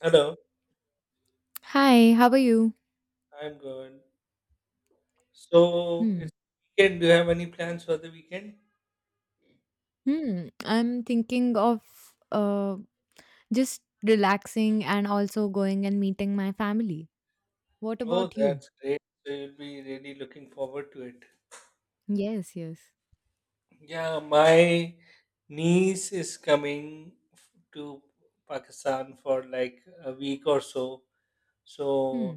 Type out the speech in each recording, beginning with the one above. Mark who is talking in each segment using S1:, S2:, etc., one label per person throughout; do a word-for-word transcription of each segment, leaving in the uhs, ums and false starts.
S1: Hello,
S2: Hi, how are you?
S1: I'm good. So
S2: Hmm.
S1: it's weekend. Do you have any plans for the weekend?
S2: Hmm, I'm thinking of uh, just relaxing and also going and meeting my family. What
S1: Oh,
S2: about you?
S1: that's great. So you'll be really looking forward to it.
S2: Yes, yes.
S1: Yeah, my niece is coming f- to Pakistan for like a week or so. So
S2: Hmm.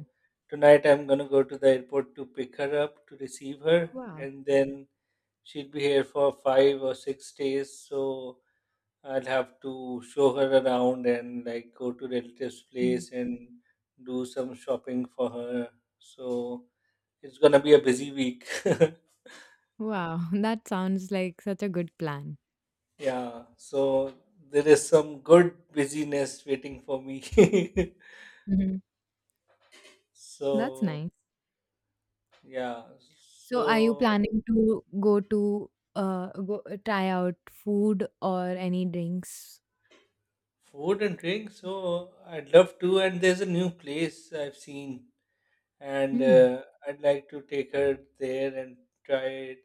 S1: tonight I'm gonna go to the airport to pick her up to receive her,
S2: Wow.
S1: and then she'll be here for five or six days. So I'll have to show her around and like go to relatives'
S2: Mhm.
S1: place and do some shopping for her. So it's gonna be a busy week.
S2: Wow, that sounds like such a good plan.
S1: Yeah, so there is some good busyness waiting for me.
S2: Hmm. That's
S1: So
S2: nice.
S1: yeah,
S2: So, are you
S1: so
S2: planning to go to uh go try out food or any drinks?
S1: food and drink. So I'd love to, and there's a new place I've seen, and
S2: Hmm.
S1: uh, I'd like to take her there and try it,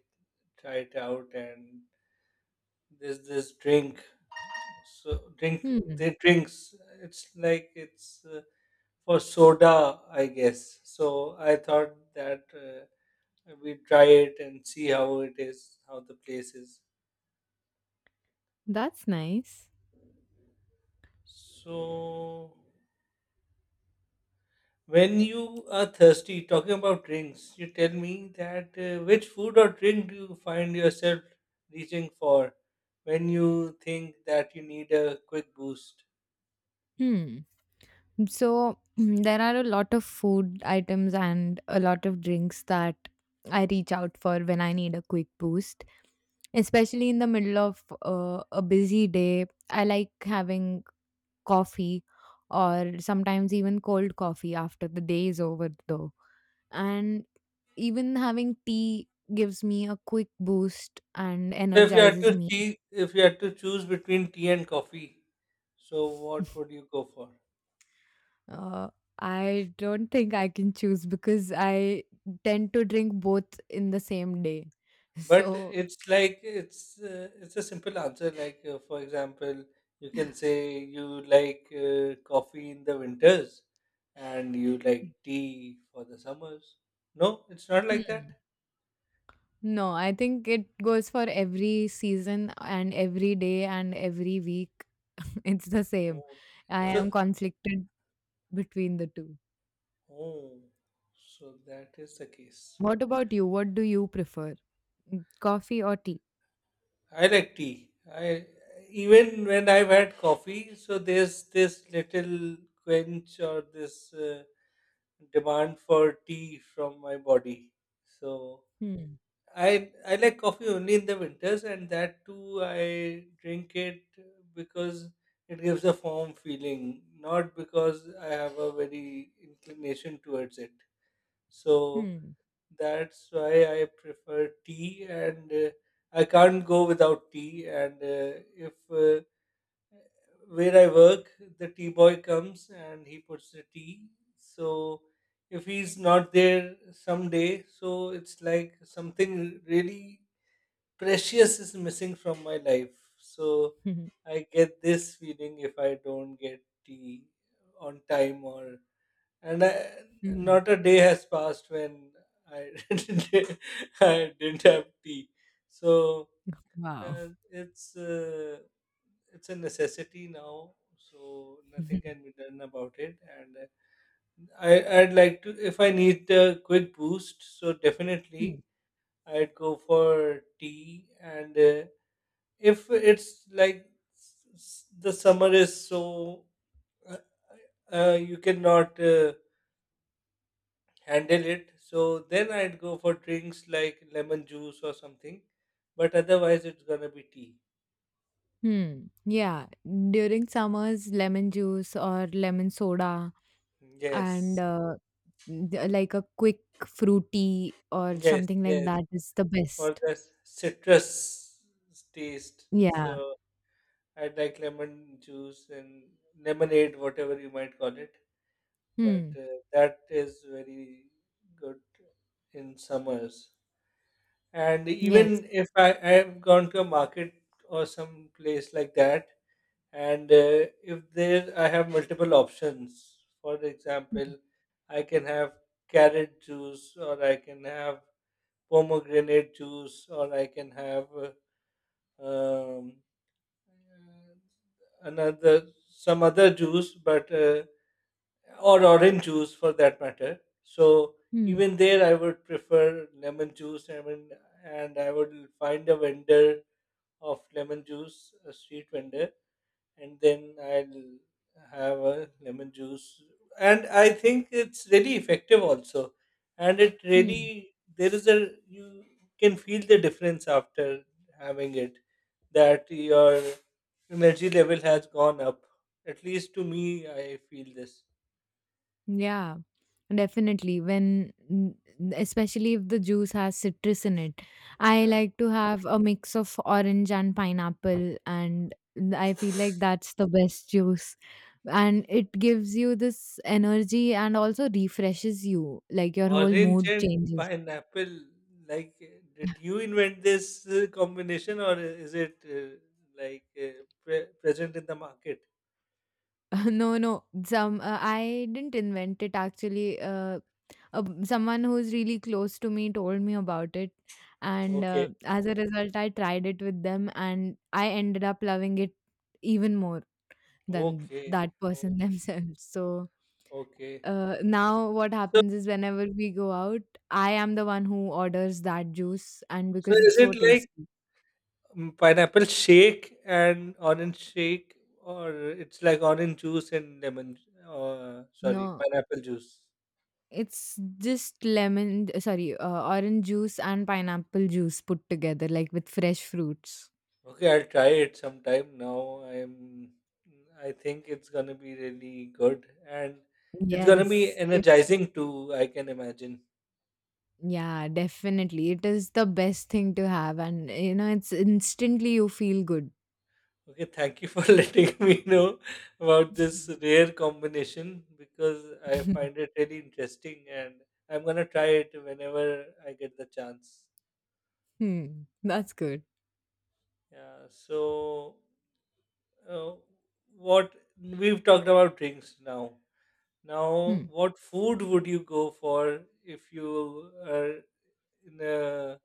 S1: try it out. And there's this drink So drink
S2: Hmm.
S1: they drinks. It's like it's uh, for soda, I guess. So I thought that uh, we try it and see how it is, how the place is.
S2: That's nice.
S1: So when you are thirsty, talking about drinks, you tell me that uh, which food or drink do you find yourself reaching for when you think that you need a quick boost?
S2: Hmm. So mm, there are a lot of food items and a lot of drinks that I reach out for when I need a quick boost, especially in the middle of uh, a busy day. I like having coffee or sometimes even cold coffee after the day is over, though. And even having tea gives me a quick boost and
S1: So if you had
S2: energizes
S1: to
S2: me.
S1: chee if you had to choose between tea and coffee, so what would you go for?
S2: Uh, I don't think I can choose because I tend to drink both in the same day.
S1: But
S2: So.
S1: it's like it's uh, it's a simple answer. Like uh, for example, you can say you like uh, coffee in the winters, and you like tea for the summers. No, it's not like that.
S2: Hmm. No, I think it goes for every season and every day and every week. It's the same.
S1: Oh,
S2: I
S1: so
S2: am conflicted between the two.
S1: oh, so that is the case.
S2: What about you? What do you prefer? Mm, Coffee or tea?
S1: I like tea. I even when I've had coffee, so there's this little quench or this uh, demand for tea from my body. So
S2: Hmm.
S1: I I like coffee only in the winters, and that too I drink it because it gives a warm feeling, not because I have a very inclination towards it. So
S2: Hmm.
S1: that's why I prefer tea, and uh, I can't go without tea. And uh, if uh, where I work, the tea boy comes and he puts the tea. So if he's not there someday, so it's like something really precious is missing from my life. So I get this feeling if I don't get tea on time or and I,
S2: Hmm.
S1: not a day has passed when I didn't- I didn't have tea. So
S2: Wow.
S1: uh, it's uh, it's a necessity now. So nothing can be done about it. And uh, I I'd like to if I need a quick boost. So definitely I'd go for tea. And uh, if it's like s- s- the summer is so uh, uh, you cannot. Uh, handle it. So then I'd go for drinks like lemon juice or something. But otherwise, it's gonna be tea.
S2: Hmm. Yeah. During summers, lemon juice or lemon soda and
S1: Yes,
S2: uh, d- like a quick fruity or
S1: yes,
S2: something like
S1: yes.
S2: that is the
S1: For
S2: best.
S1: the s- citrus taste, so
S2: Yeah.
S1: I'd like lemon juice and lemonade, whatever you might call it. But
S2: Hmm.
S1: uh, that is very good in summers. And
S2: Yes.
S1: even if I, I have gone to a market or some place like that and uh, if there I have multiple options for
S2: Hmm.
S1: example I can have carrot juice or I can have pomegranate juice or I can have uh, um, another some other juice but uh, or orange juice for that matter so
S2: Hmm.
S1: even there I would prefer lemon juice I mean and I would find a vendor of lemon juice a street vendor and then I'll have a lemon juice. And I think it's really effective also. And it
S2: Hmm.
S1: really there is a you can feel the difference after having it that your energy level has gone up. At least to me, I feel this.
S2: Yeah. Definitely, when especially if the juice has citrus in it. I
S1: Yeah.
S2: like to have a mix of orange and pineapple, and I feel like that's the best juice. And it gives you this energy and also refreshes you, like your whole
S1: Orange
S2: mood
S1: and
S2: changes.
S1: pineapple, like, uh, did you invent this uh, combination or is it uh, like uh, pre- present in the market?
S2: No, no, some uh, I didn't invent it actually. Uh, uh, someone who's really close to me told me about it and uh,
S1: Okay.
S2: as a result I tried it with them and I ended up loving it even more than
S1: Okay,
S2: that person
S1: okay,
S2: themselves. So
S1: okay.
S2: uh, now what
S1: So,
S2: happens is whenever we go out I am the one who orders that juice, and
S1: so
S2: because
S1: is
S2: it's so
S1: it like
S2: tasty.
S1: mm, pineapple shake and orange shake, or it's like orange juice and lemon? Uh, sorry,
S2: No,
S1: pineapple juice.
S2: it's just lemon, sorry, uh, orange juice and pineapple juice put together like with fresh fruits.
S1: Okay, I'll try it sometime now. I'm, I think it's gonna be really good, and it's gonna be
S2: Yes.
S1: energizing too. I can imagine.
S2: Yeah, definitely. It is the best thing to have, and you know, it's instantly you feel good.
S1: Okay, thank you for letting me know about this rare combination because I find it really interesting and I'm gonna try it whenever I get the chance.
S2: Hmm. That's good.
S1: Yeah, so uh, what we've talked about drinks now. Now,
S2: Hmm.
S1: what food would you go for if you are in a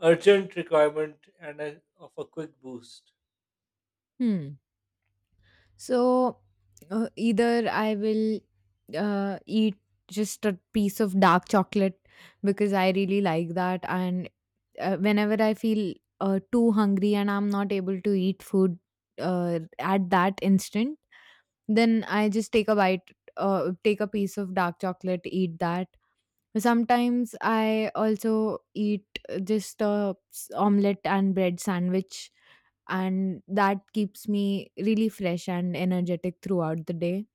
S1: urgent requirement and a, of a quick boost?
S2: Hmm. So uh, either I will uh, eat just a piece of dark chocolate because I really like that, and uh, whenever I feel uh, too hungry and I'm not able to eat food uh, at that instant, then I just take a bite, uh, take a piece of dark chocolate, eat that. Sometimes I also eat just a s- omelette and bread sandwich, and that keeps me really fresh and energetic throughout the day.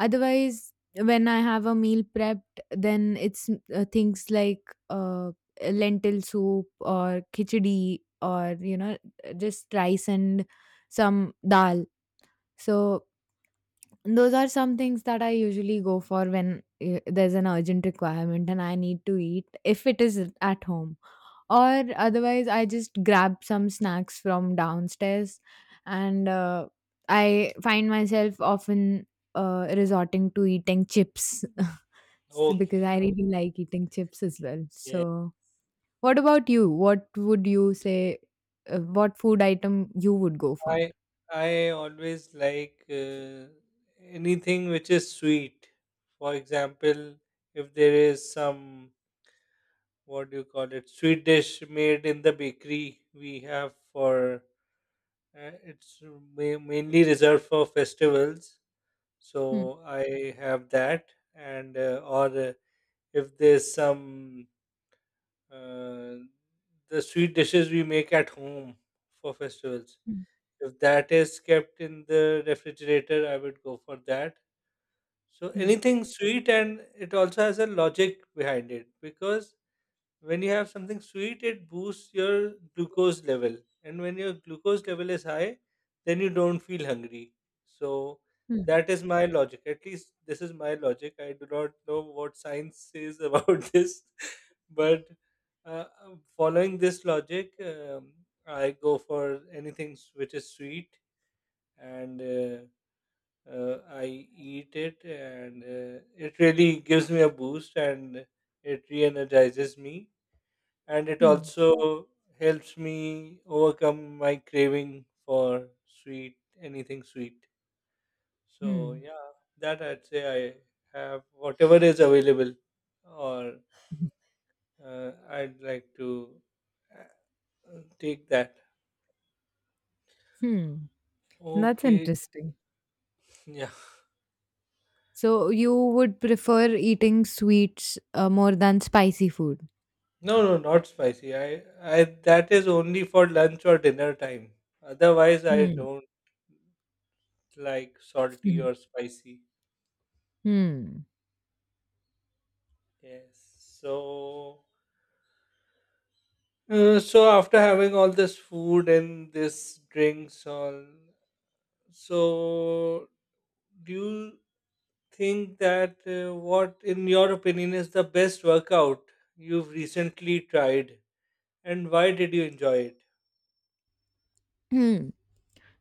S2: Otherwise, when I have a meal prepped, then it's uh, things like uh, lentil soup or khichdi, or you know just rice and some dal. So those are some things that I usually go for when uh, there's an urgent requirement and I need to eat if it is at home. Or otherwise, I just grab some snacks from downstairs and uh, I find myself often uh, resorting to eating chips so- because
S1: Okay,
S2: I really like eating chips as well.
S1: okay.
S2: So, what about you? What would you say? Uh, what food item you would go for?
S1: I I always like uh, anything which is sweet. For example, if there is some what do you call it sweet dish made in the bakery, we have for uh, it's ma- mainly reserved for festivals.
S2: Hmm.
S1: So I have that, and uh, or uh, if there's some uh, the sweet dishes we make at home for festivals.
S2: Hmm.
S1: If that is kept in the refrigerator, I would go for that. So
S2: Hmm.
S1: anything sweet, and it also has a logic behind it because when you have something sweet, it boosts your glucose level, and when your glucose level is high, then you don't feel hungry. So that is my logic. At least this is my logic. I do not know what science says about this, but uh, following this logic, um, I go for anything s- which is sweet and uh, uh, I eat it, and uh, it really gives me a boost and it re energizes me. And it
S2: Hmm.
S1: also helps me overcome my craving for sweet, anything sweet. So,
S2: Hmm.
S1: yeah, that I'd say I have whatever is available, or
S2: Hmm.
S1: uh, I'd like to uh, take that.
S2: Hmm. That's
S1: Okay,
S2: interesting.
S1: yeah.
S2: So you would prefer eating sweets uh, more than spicy food.
S1: No, no, not spicy. I, I that is only for lunch or dinner time. Otherwise, I
S2: Hmm.
S1: don't like salty
S2: Mhm.
S1: or spicy.
S2: Hmm.
S1: Yes. So, uh, so after having all this food and this drinks, all, so do you think that uh, what, in your opinion, is the best workout you've recently tried, and why did you enjoy it?
S2: Hmm.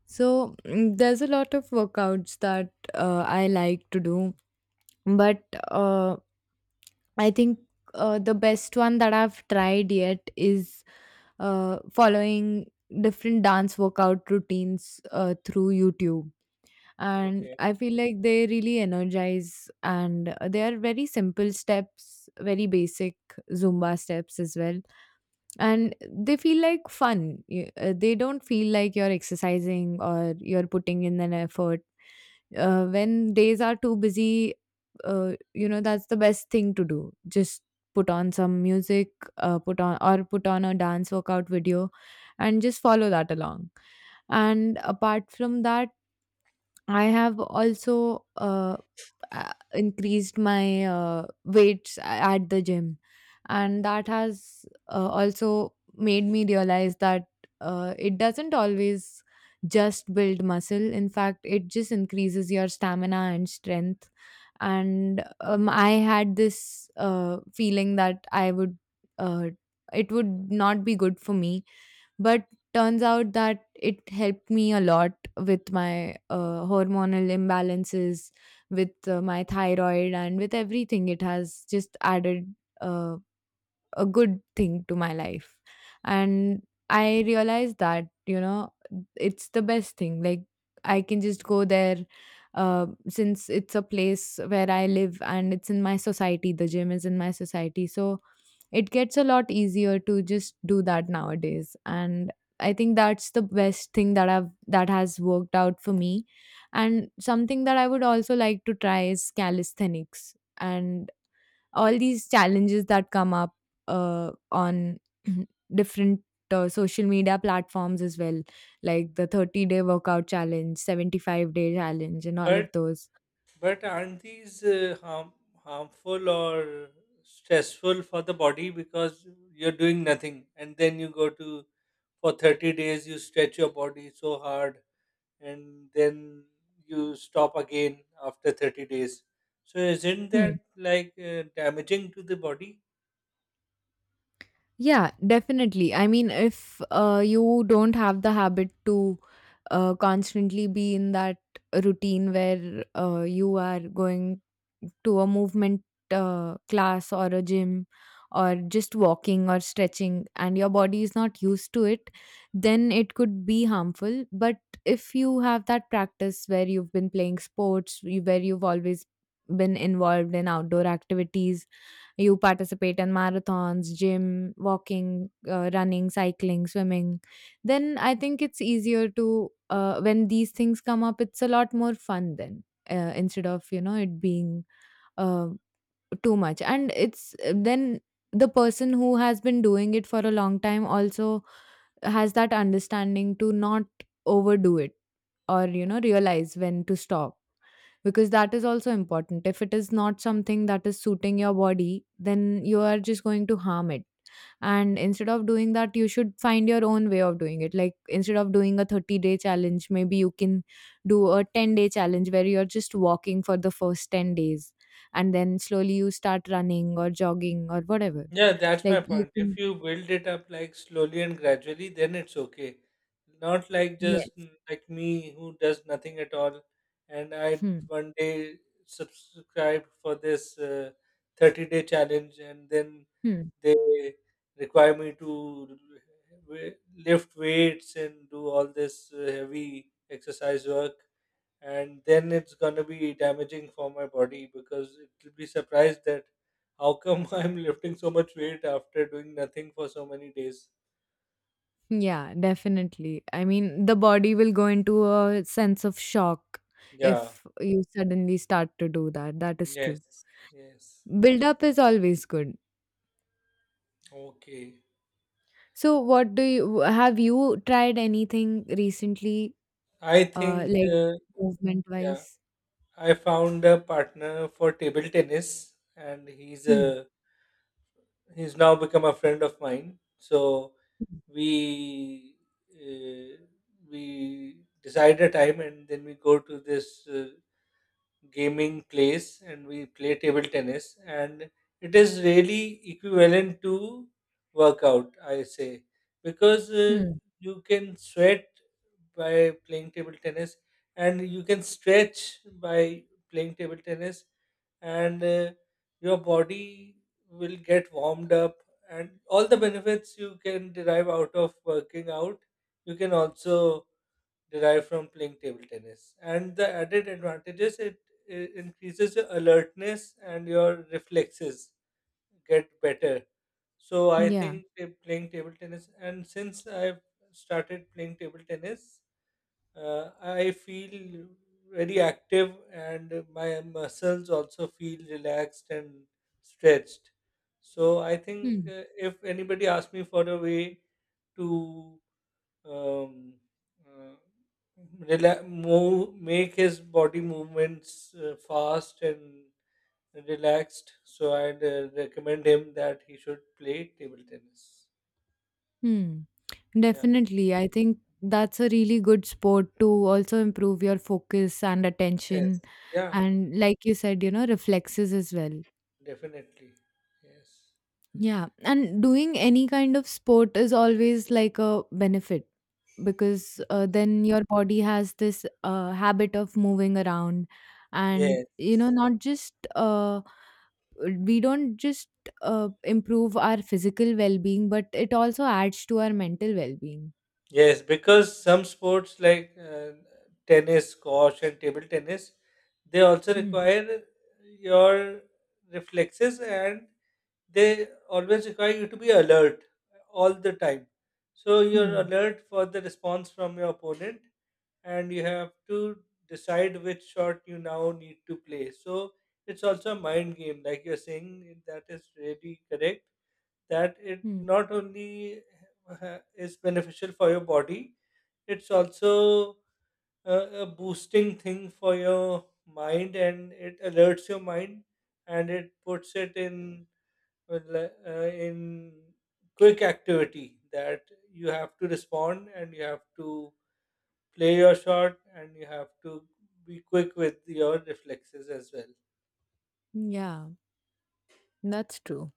S2: So mm, there's a lot of workouts that uh, I like to do, but uh, I think uh, the best one that I've tried yet is uh, following different dance workout routines uh, through YouTube. And
S1: Okay.
S2: I feel like they really energize, and uh, they are very simple steps, very basic Zumba steps as well, and they feel like fun. Y- uh, they don't feel like you're exercising or you're putting in an effort. Uh, when days are too busy, uh, you know that's the best thing to do. Just put on some music, uh, put on or put on a dance workout video and just follow that along. And apart from that, I have also uh, uh, increased my uh, weights at the gym, and that has uh, also made me realize that uh, it doesn't always just build muscle, in fact it just increases your stamina and strength. And um, I had this uh, feeling that I would uh, it would not be good for me, but turns out that it helped me a lot with my uh, hormonal imbalances, with uh, my thyroid and with everything. It has just added Uh, a good thing to my life, and I realized that, you know it's the best thing. Like, I can just go there, uh, since it's a place where I live and it's in my society, the gym is in my society. So it gets a lot easier to just do that nowadays, and I think that's the best thing that i've that has worked out for me. And something that I would also like to try is calisthenics, and all these challenges that come up uh, on different uh, social media platforms as well, like the thirty day workout challenge, seventy-five day challenge, and all of
S1: but.
S2: those.
S1: But aren't these uh, harm, harmful or stressful for the body because you're doing nothing and then you go to for thirty days you stretch your body so hard and then you stop again after thirty days. So isn't
S2: Hmm.
S1: that like uh, damaging to the body?
S2: Yeah, definitely. I mean, if uh, you don't have the habit to uh, constantly be in that routine where uh, you are going to a movement uh, class or a gym, or just walking or stretching, and your body is not used to it, then it could be harmful. But if you have that practice where you've been playing sports, you- where you've always been involved in outdoor activities, you participate in marathons, gym, walking, uh, running, cycling, swimming. Then I think it's easier to, uh, when these things come up, it's a lot more fun then. Uh, instead of, you know it being uh, too much, and it's then the person who has been doing it for a long time also has that understanding to not overdo it, or you know realize when to stop, because that is also important. If it is not something that is suiting your body, then you are just going to harm it. And instead of doing that, you should find your own way of doing it. Like, instead of doing a thirty day challenge, maybe you can do a ten day challenge where you're just walking for the first ten days, and then slowly you start running or jogging or whatever.
S1: Yeah, that's my
S2: Like you
S1: point. If
S2: can,
S1: you build it up like slowly and gradually, then it's okay. Not like just
S2: yes.
S1: mm, like me who does nothing at all, and I
S2: Hmm.
S1: one day subscribed for this uh, thirty day challenge, and then
S2: Hmm.
S1: they require me to w- lift weights and do all this uh, heavy exercise work and then it's gonna be damaging for my body because it'll be surprised that how come I'm lifting so much weight after doing nothing for so many days.
S2: Yeah, definitely. I mean, the body will go into a sense of shock
S1: Yeah.
S2: if you suddenly start to do that. That is true.
S1: Yes. Yes.
S2: Build up is always good.
S1: Okay.
S2: So, what do you have you tried anything recently,
S1: I
S2: uh,
S1: think
S2: like
S1: uh,
S2: movement
S1: yeah,
S2: wise?
S1: I found a partner for table tennis, and he's
S2: Hmm.
S1: a he's now become a friend of mine. So we uh, we decide a time, and then we go to this uh, gaming place and we play table tennis and it is really equivalent to workout I say because uh,
S2: Hmm.
S1: you can sweat by playing table tennis and you can stretch by playing table tennis and uh, your body will get warmed up and all the benefits you can derive out of working out you can also derived from playing table tennis. And the added advantages it, it increases your alertness and your reflexes get better. So I
S2: Yeah.
S1: think ta- playing table tennis, and since I've started playing table tennis, uh, I feel very active and my muscles also feel relaxed and stretched. So I think
S2: Hmm.
S1: uh, if anybody asks me for a way to um, uh, rela- move, make his body movements uh, fast and relaxed. So I'd uh, recommend him that he should play table tennis.
S2: Hmm.
S1: Yeah.
S2: Definitely. I think that's a really good sport to also improve your focus and
S1: Yes.
S2: attention.
S1: Yeah.
S2: And like you said, you know, reflexes as well.
S1: Definitely. Yes.
S2: Yeah, and doing any kind of sport is always like a benefit, because uh, then your body has this uh, habit of moving around. And
S1: Yes.
S2: you know not just uh, we don't just uh, improve our physical well-being, but it also adds to our mental well-being.
S1: Yes, because some sports like uh, tennis, squash, and table tennis, they also
S2: Hmm.
S1: require your reflexes and they always require you to be alert all the time. So you're
S2: Hmm.
S1: alert for the response from your opponent and you have to decide which shot you now need to play. So it's also a mind game, like you're saying, that is really correct. That it
S2: Hmm.
S1: not only uh, is beneficial for your body it's also a, a boosting thing for your mind and it alerts your mind and it puts it in uh, le- uh, in quick activity that you have to respond and you have to play your shot and you have to be quick with your reflexes as well
S2: Yeah, that's true.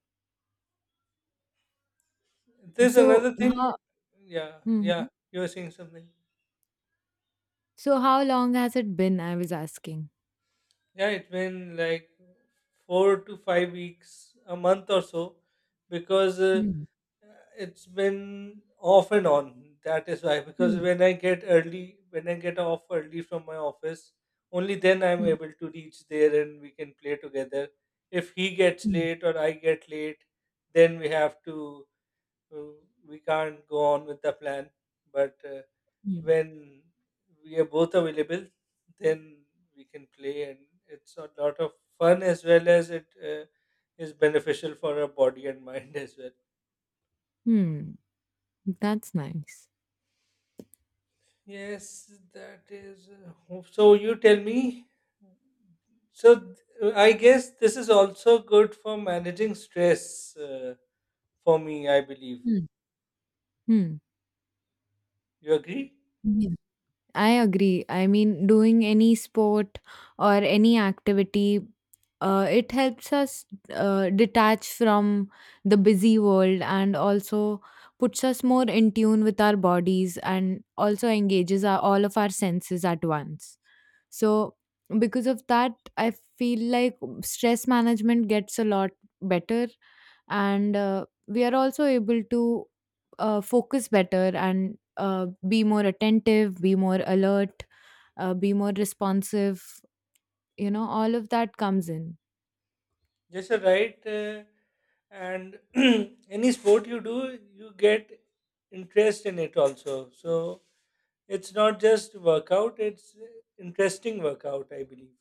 S1: there's
S2: So
S1: another thing
S2: how?
S1: yeah
S2: Hmm, hmm.
S1: yeah you were saying something
S2: So how long has it been? I was asking.
S1: yeah it's been like four to five weeks a month or so because uh,
S2: Hmm.
S1: Uh, It's been off and on. That is why, because
S2: Hmm.
S1: when I get early, when I get off early from my office, only then I'm able to reach there and we can play together. If he gets
S2: Hmm.
S1: late or I get late, then we have to, uh, we can't go on with the plan. But uh,
S2: Hmm.
S1: when we are both available, then we can play, and it's a lot of fun as well as it uh, is beneficial for our body and mind as well.
S2: Hmm, that's nice.
S1: Yes, that is. uh, So you tell me. So th- I guess this is also good for managing stress uh, for me, I believe.
S2: Hmm, hmm.
S1: You agree?
S2: Yeah. I agree. I mean, doing any sport or any activity, uh, it helps us uh, detach from the busy world, and also puts us more in tune with our bodies, and also engages our, all of our senses at once. So, because of that, I feel like stress management gets a lot better, and uh, we are also able to uh, focus better, and uh, be more attentive, be more alert, uh, be more responsive, you know all of that comes in.
S1: Yes, you're right. Uh, and any sport you do, you get interest in it also. So it's not just workout, it's uh, interesting workout, I believe.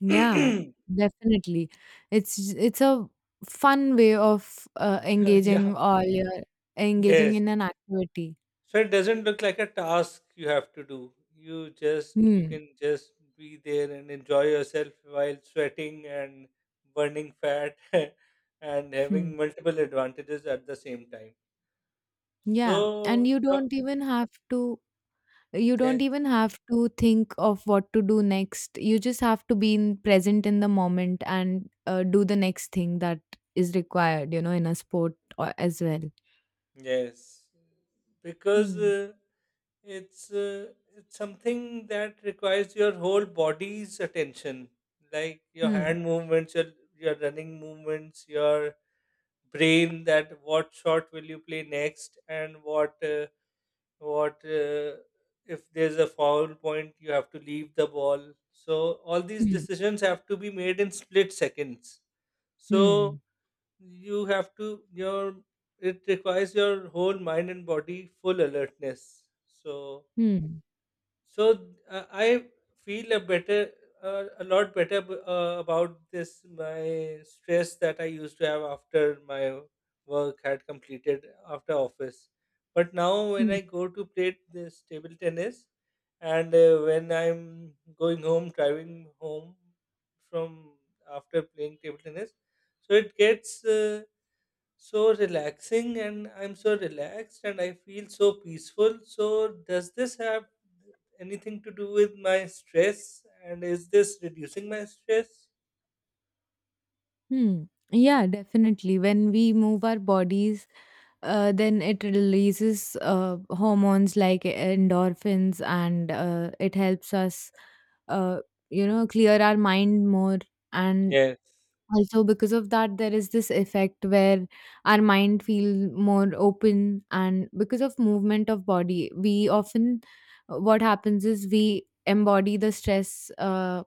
S2: Yeah, definitely. It's it's a fun way of uh, engaging
S1: yeah.
S2: all your engaging
S1: Yes.
S2: in an activity.
S1: So it doesn't look like a task you have to do. You just you
S2: Hmm.
S1: can just be there and enjoy yourself while sweating and burning fat and
S2: Hmm.
S1: having multiple advantages at the same time.
S2: Yeah, and
S1: So
S2: you
S1: doc-
S2: don't even have to, you
S1: yes,
S2: don't even have to think of what to do next. You just have to be in, present in the moment, and uh, do the next thing that is required, you know, in a sport or, as well.
S1: yes, because
S2: Hmm.
S1: uh, it's uh, it's something that requires your whole body's attention, like your
S2: Hmm.
S1: hand movements, your your running movements, your brain that what shot will you play next and what uh, what uh, if there's a foul point you have to leave the ball so all these
S2: Hmm.
S1: decisions have to be made in split seconds so
S2: Hmm.
S1: you have to your it requires your whole mind and body full alertness so
S2: Hmm.
S1: so uh, I feel a better, uh, a lot better ab- uh, about this. My stress that I used to have after my work had completed after office, but now when
S2: Hmm.
S1: I go to play this table tennis, and uh, when I'm going home, driving home from after playing table tennis, so it gets. Uh, so relaxing, and I'm so relaxed, and I feel so peaceful. So, does this have anything to do with my stress? And is this reducing my stress?
S2: Hmm. Yeah, definitely. When we move our bodies, uh, then it releases uh, hormones like endorphins, and uh, it helps us, uh, you know, clear our mind more. And
S1: Yes.
S2: also, because of that, there is this effect where our mind feel more open, and because of movement of body, we often what happens is we embody the stress, uh,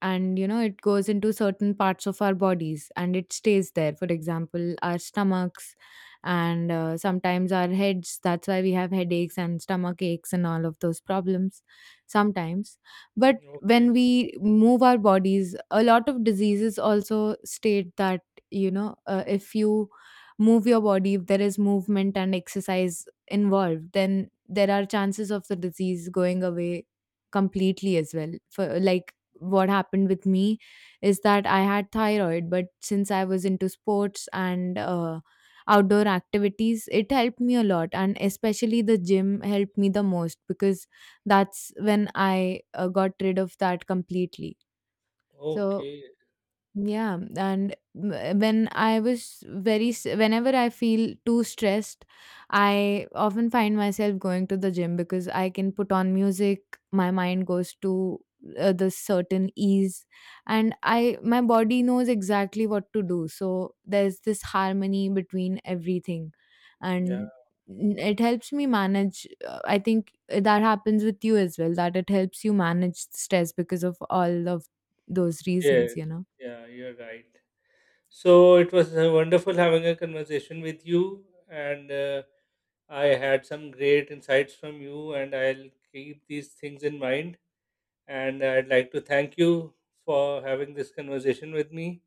S2: and you know it goes into certain parts of our bodies, and it stays there, for example our stomachs, and uh, sometimes our heads. That's why we have headaches and stomach aches and all of those problems sometimes. But when
S1: Okay.
S2: we move our bodies, a lot of diseases also state that, you know uh, if you move your body, if there is movement and exercise involved, then there are chances of the disease going away completely as well. For like what happened with me is that I had thyroid, but since I was into sports and uh, outdoor activities, it helped me a lot. And especially the gym helped me the most, because that's when I uh, got rid of that completely. So
S1: Okay,
S2: yeah, and w- when I was very, s- whenever I feel too stressed, I often find myself going to the gym, because I can put on music, my mind goes to uh, the certain ease, and I, my body knows exactly what to do. So there's this harmony between everything,
S1: yeah,
S2: and n- it helps me manage. uh, I think that happens with you as well, that it helps you manage stress because of all of those
S1: Yes.
S2: reasons, you know.
S1: yeah, you're right. So, it was uh, wonderful having a conversation with you, and uh, I had some great insights from you, and I'll keep these things in mind. And I'd like to thank you for having this conversation with me.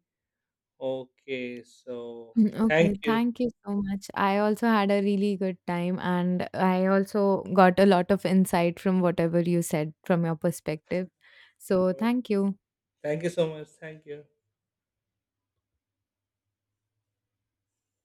S1: Okay, so
S2: Mm,
S1: thank
S2: Okay,
S1: you.
S2: thank you so much. I also had a really good time, and I also got a lot of insight from whatever you said from your perspective. So,
S1: Uh,
S2: thank you.
S1: Thank you so much. Thank you.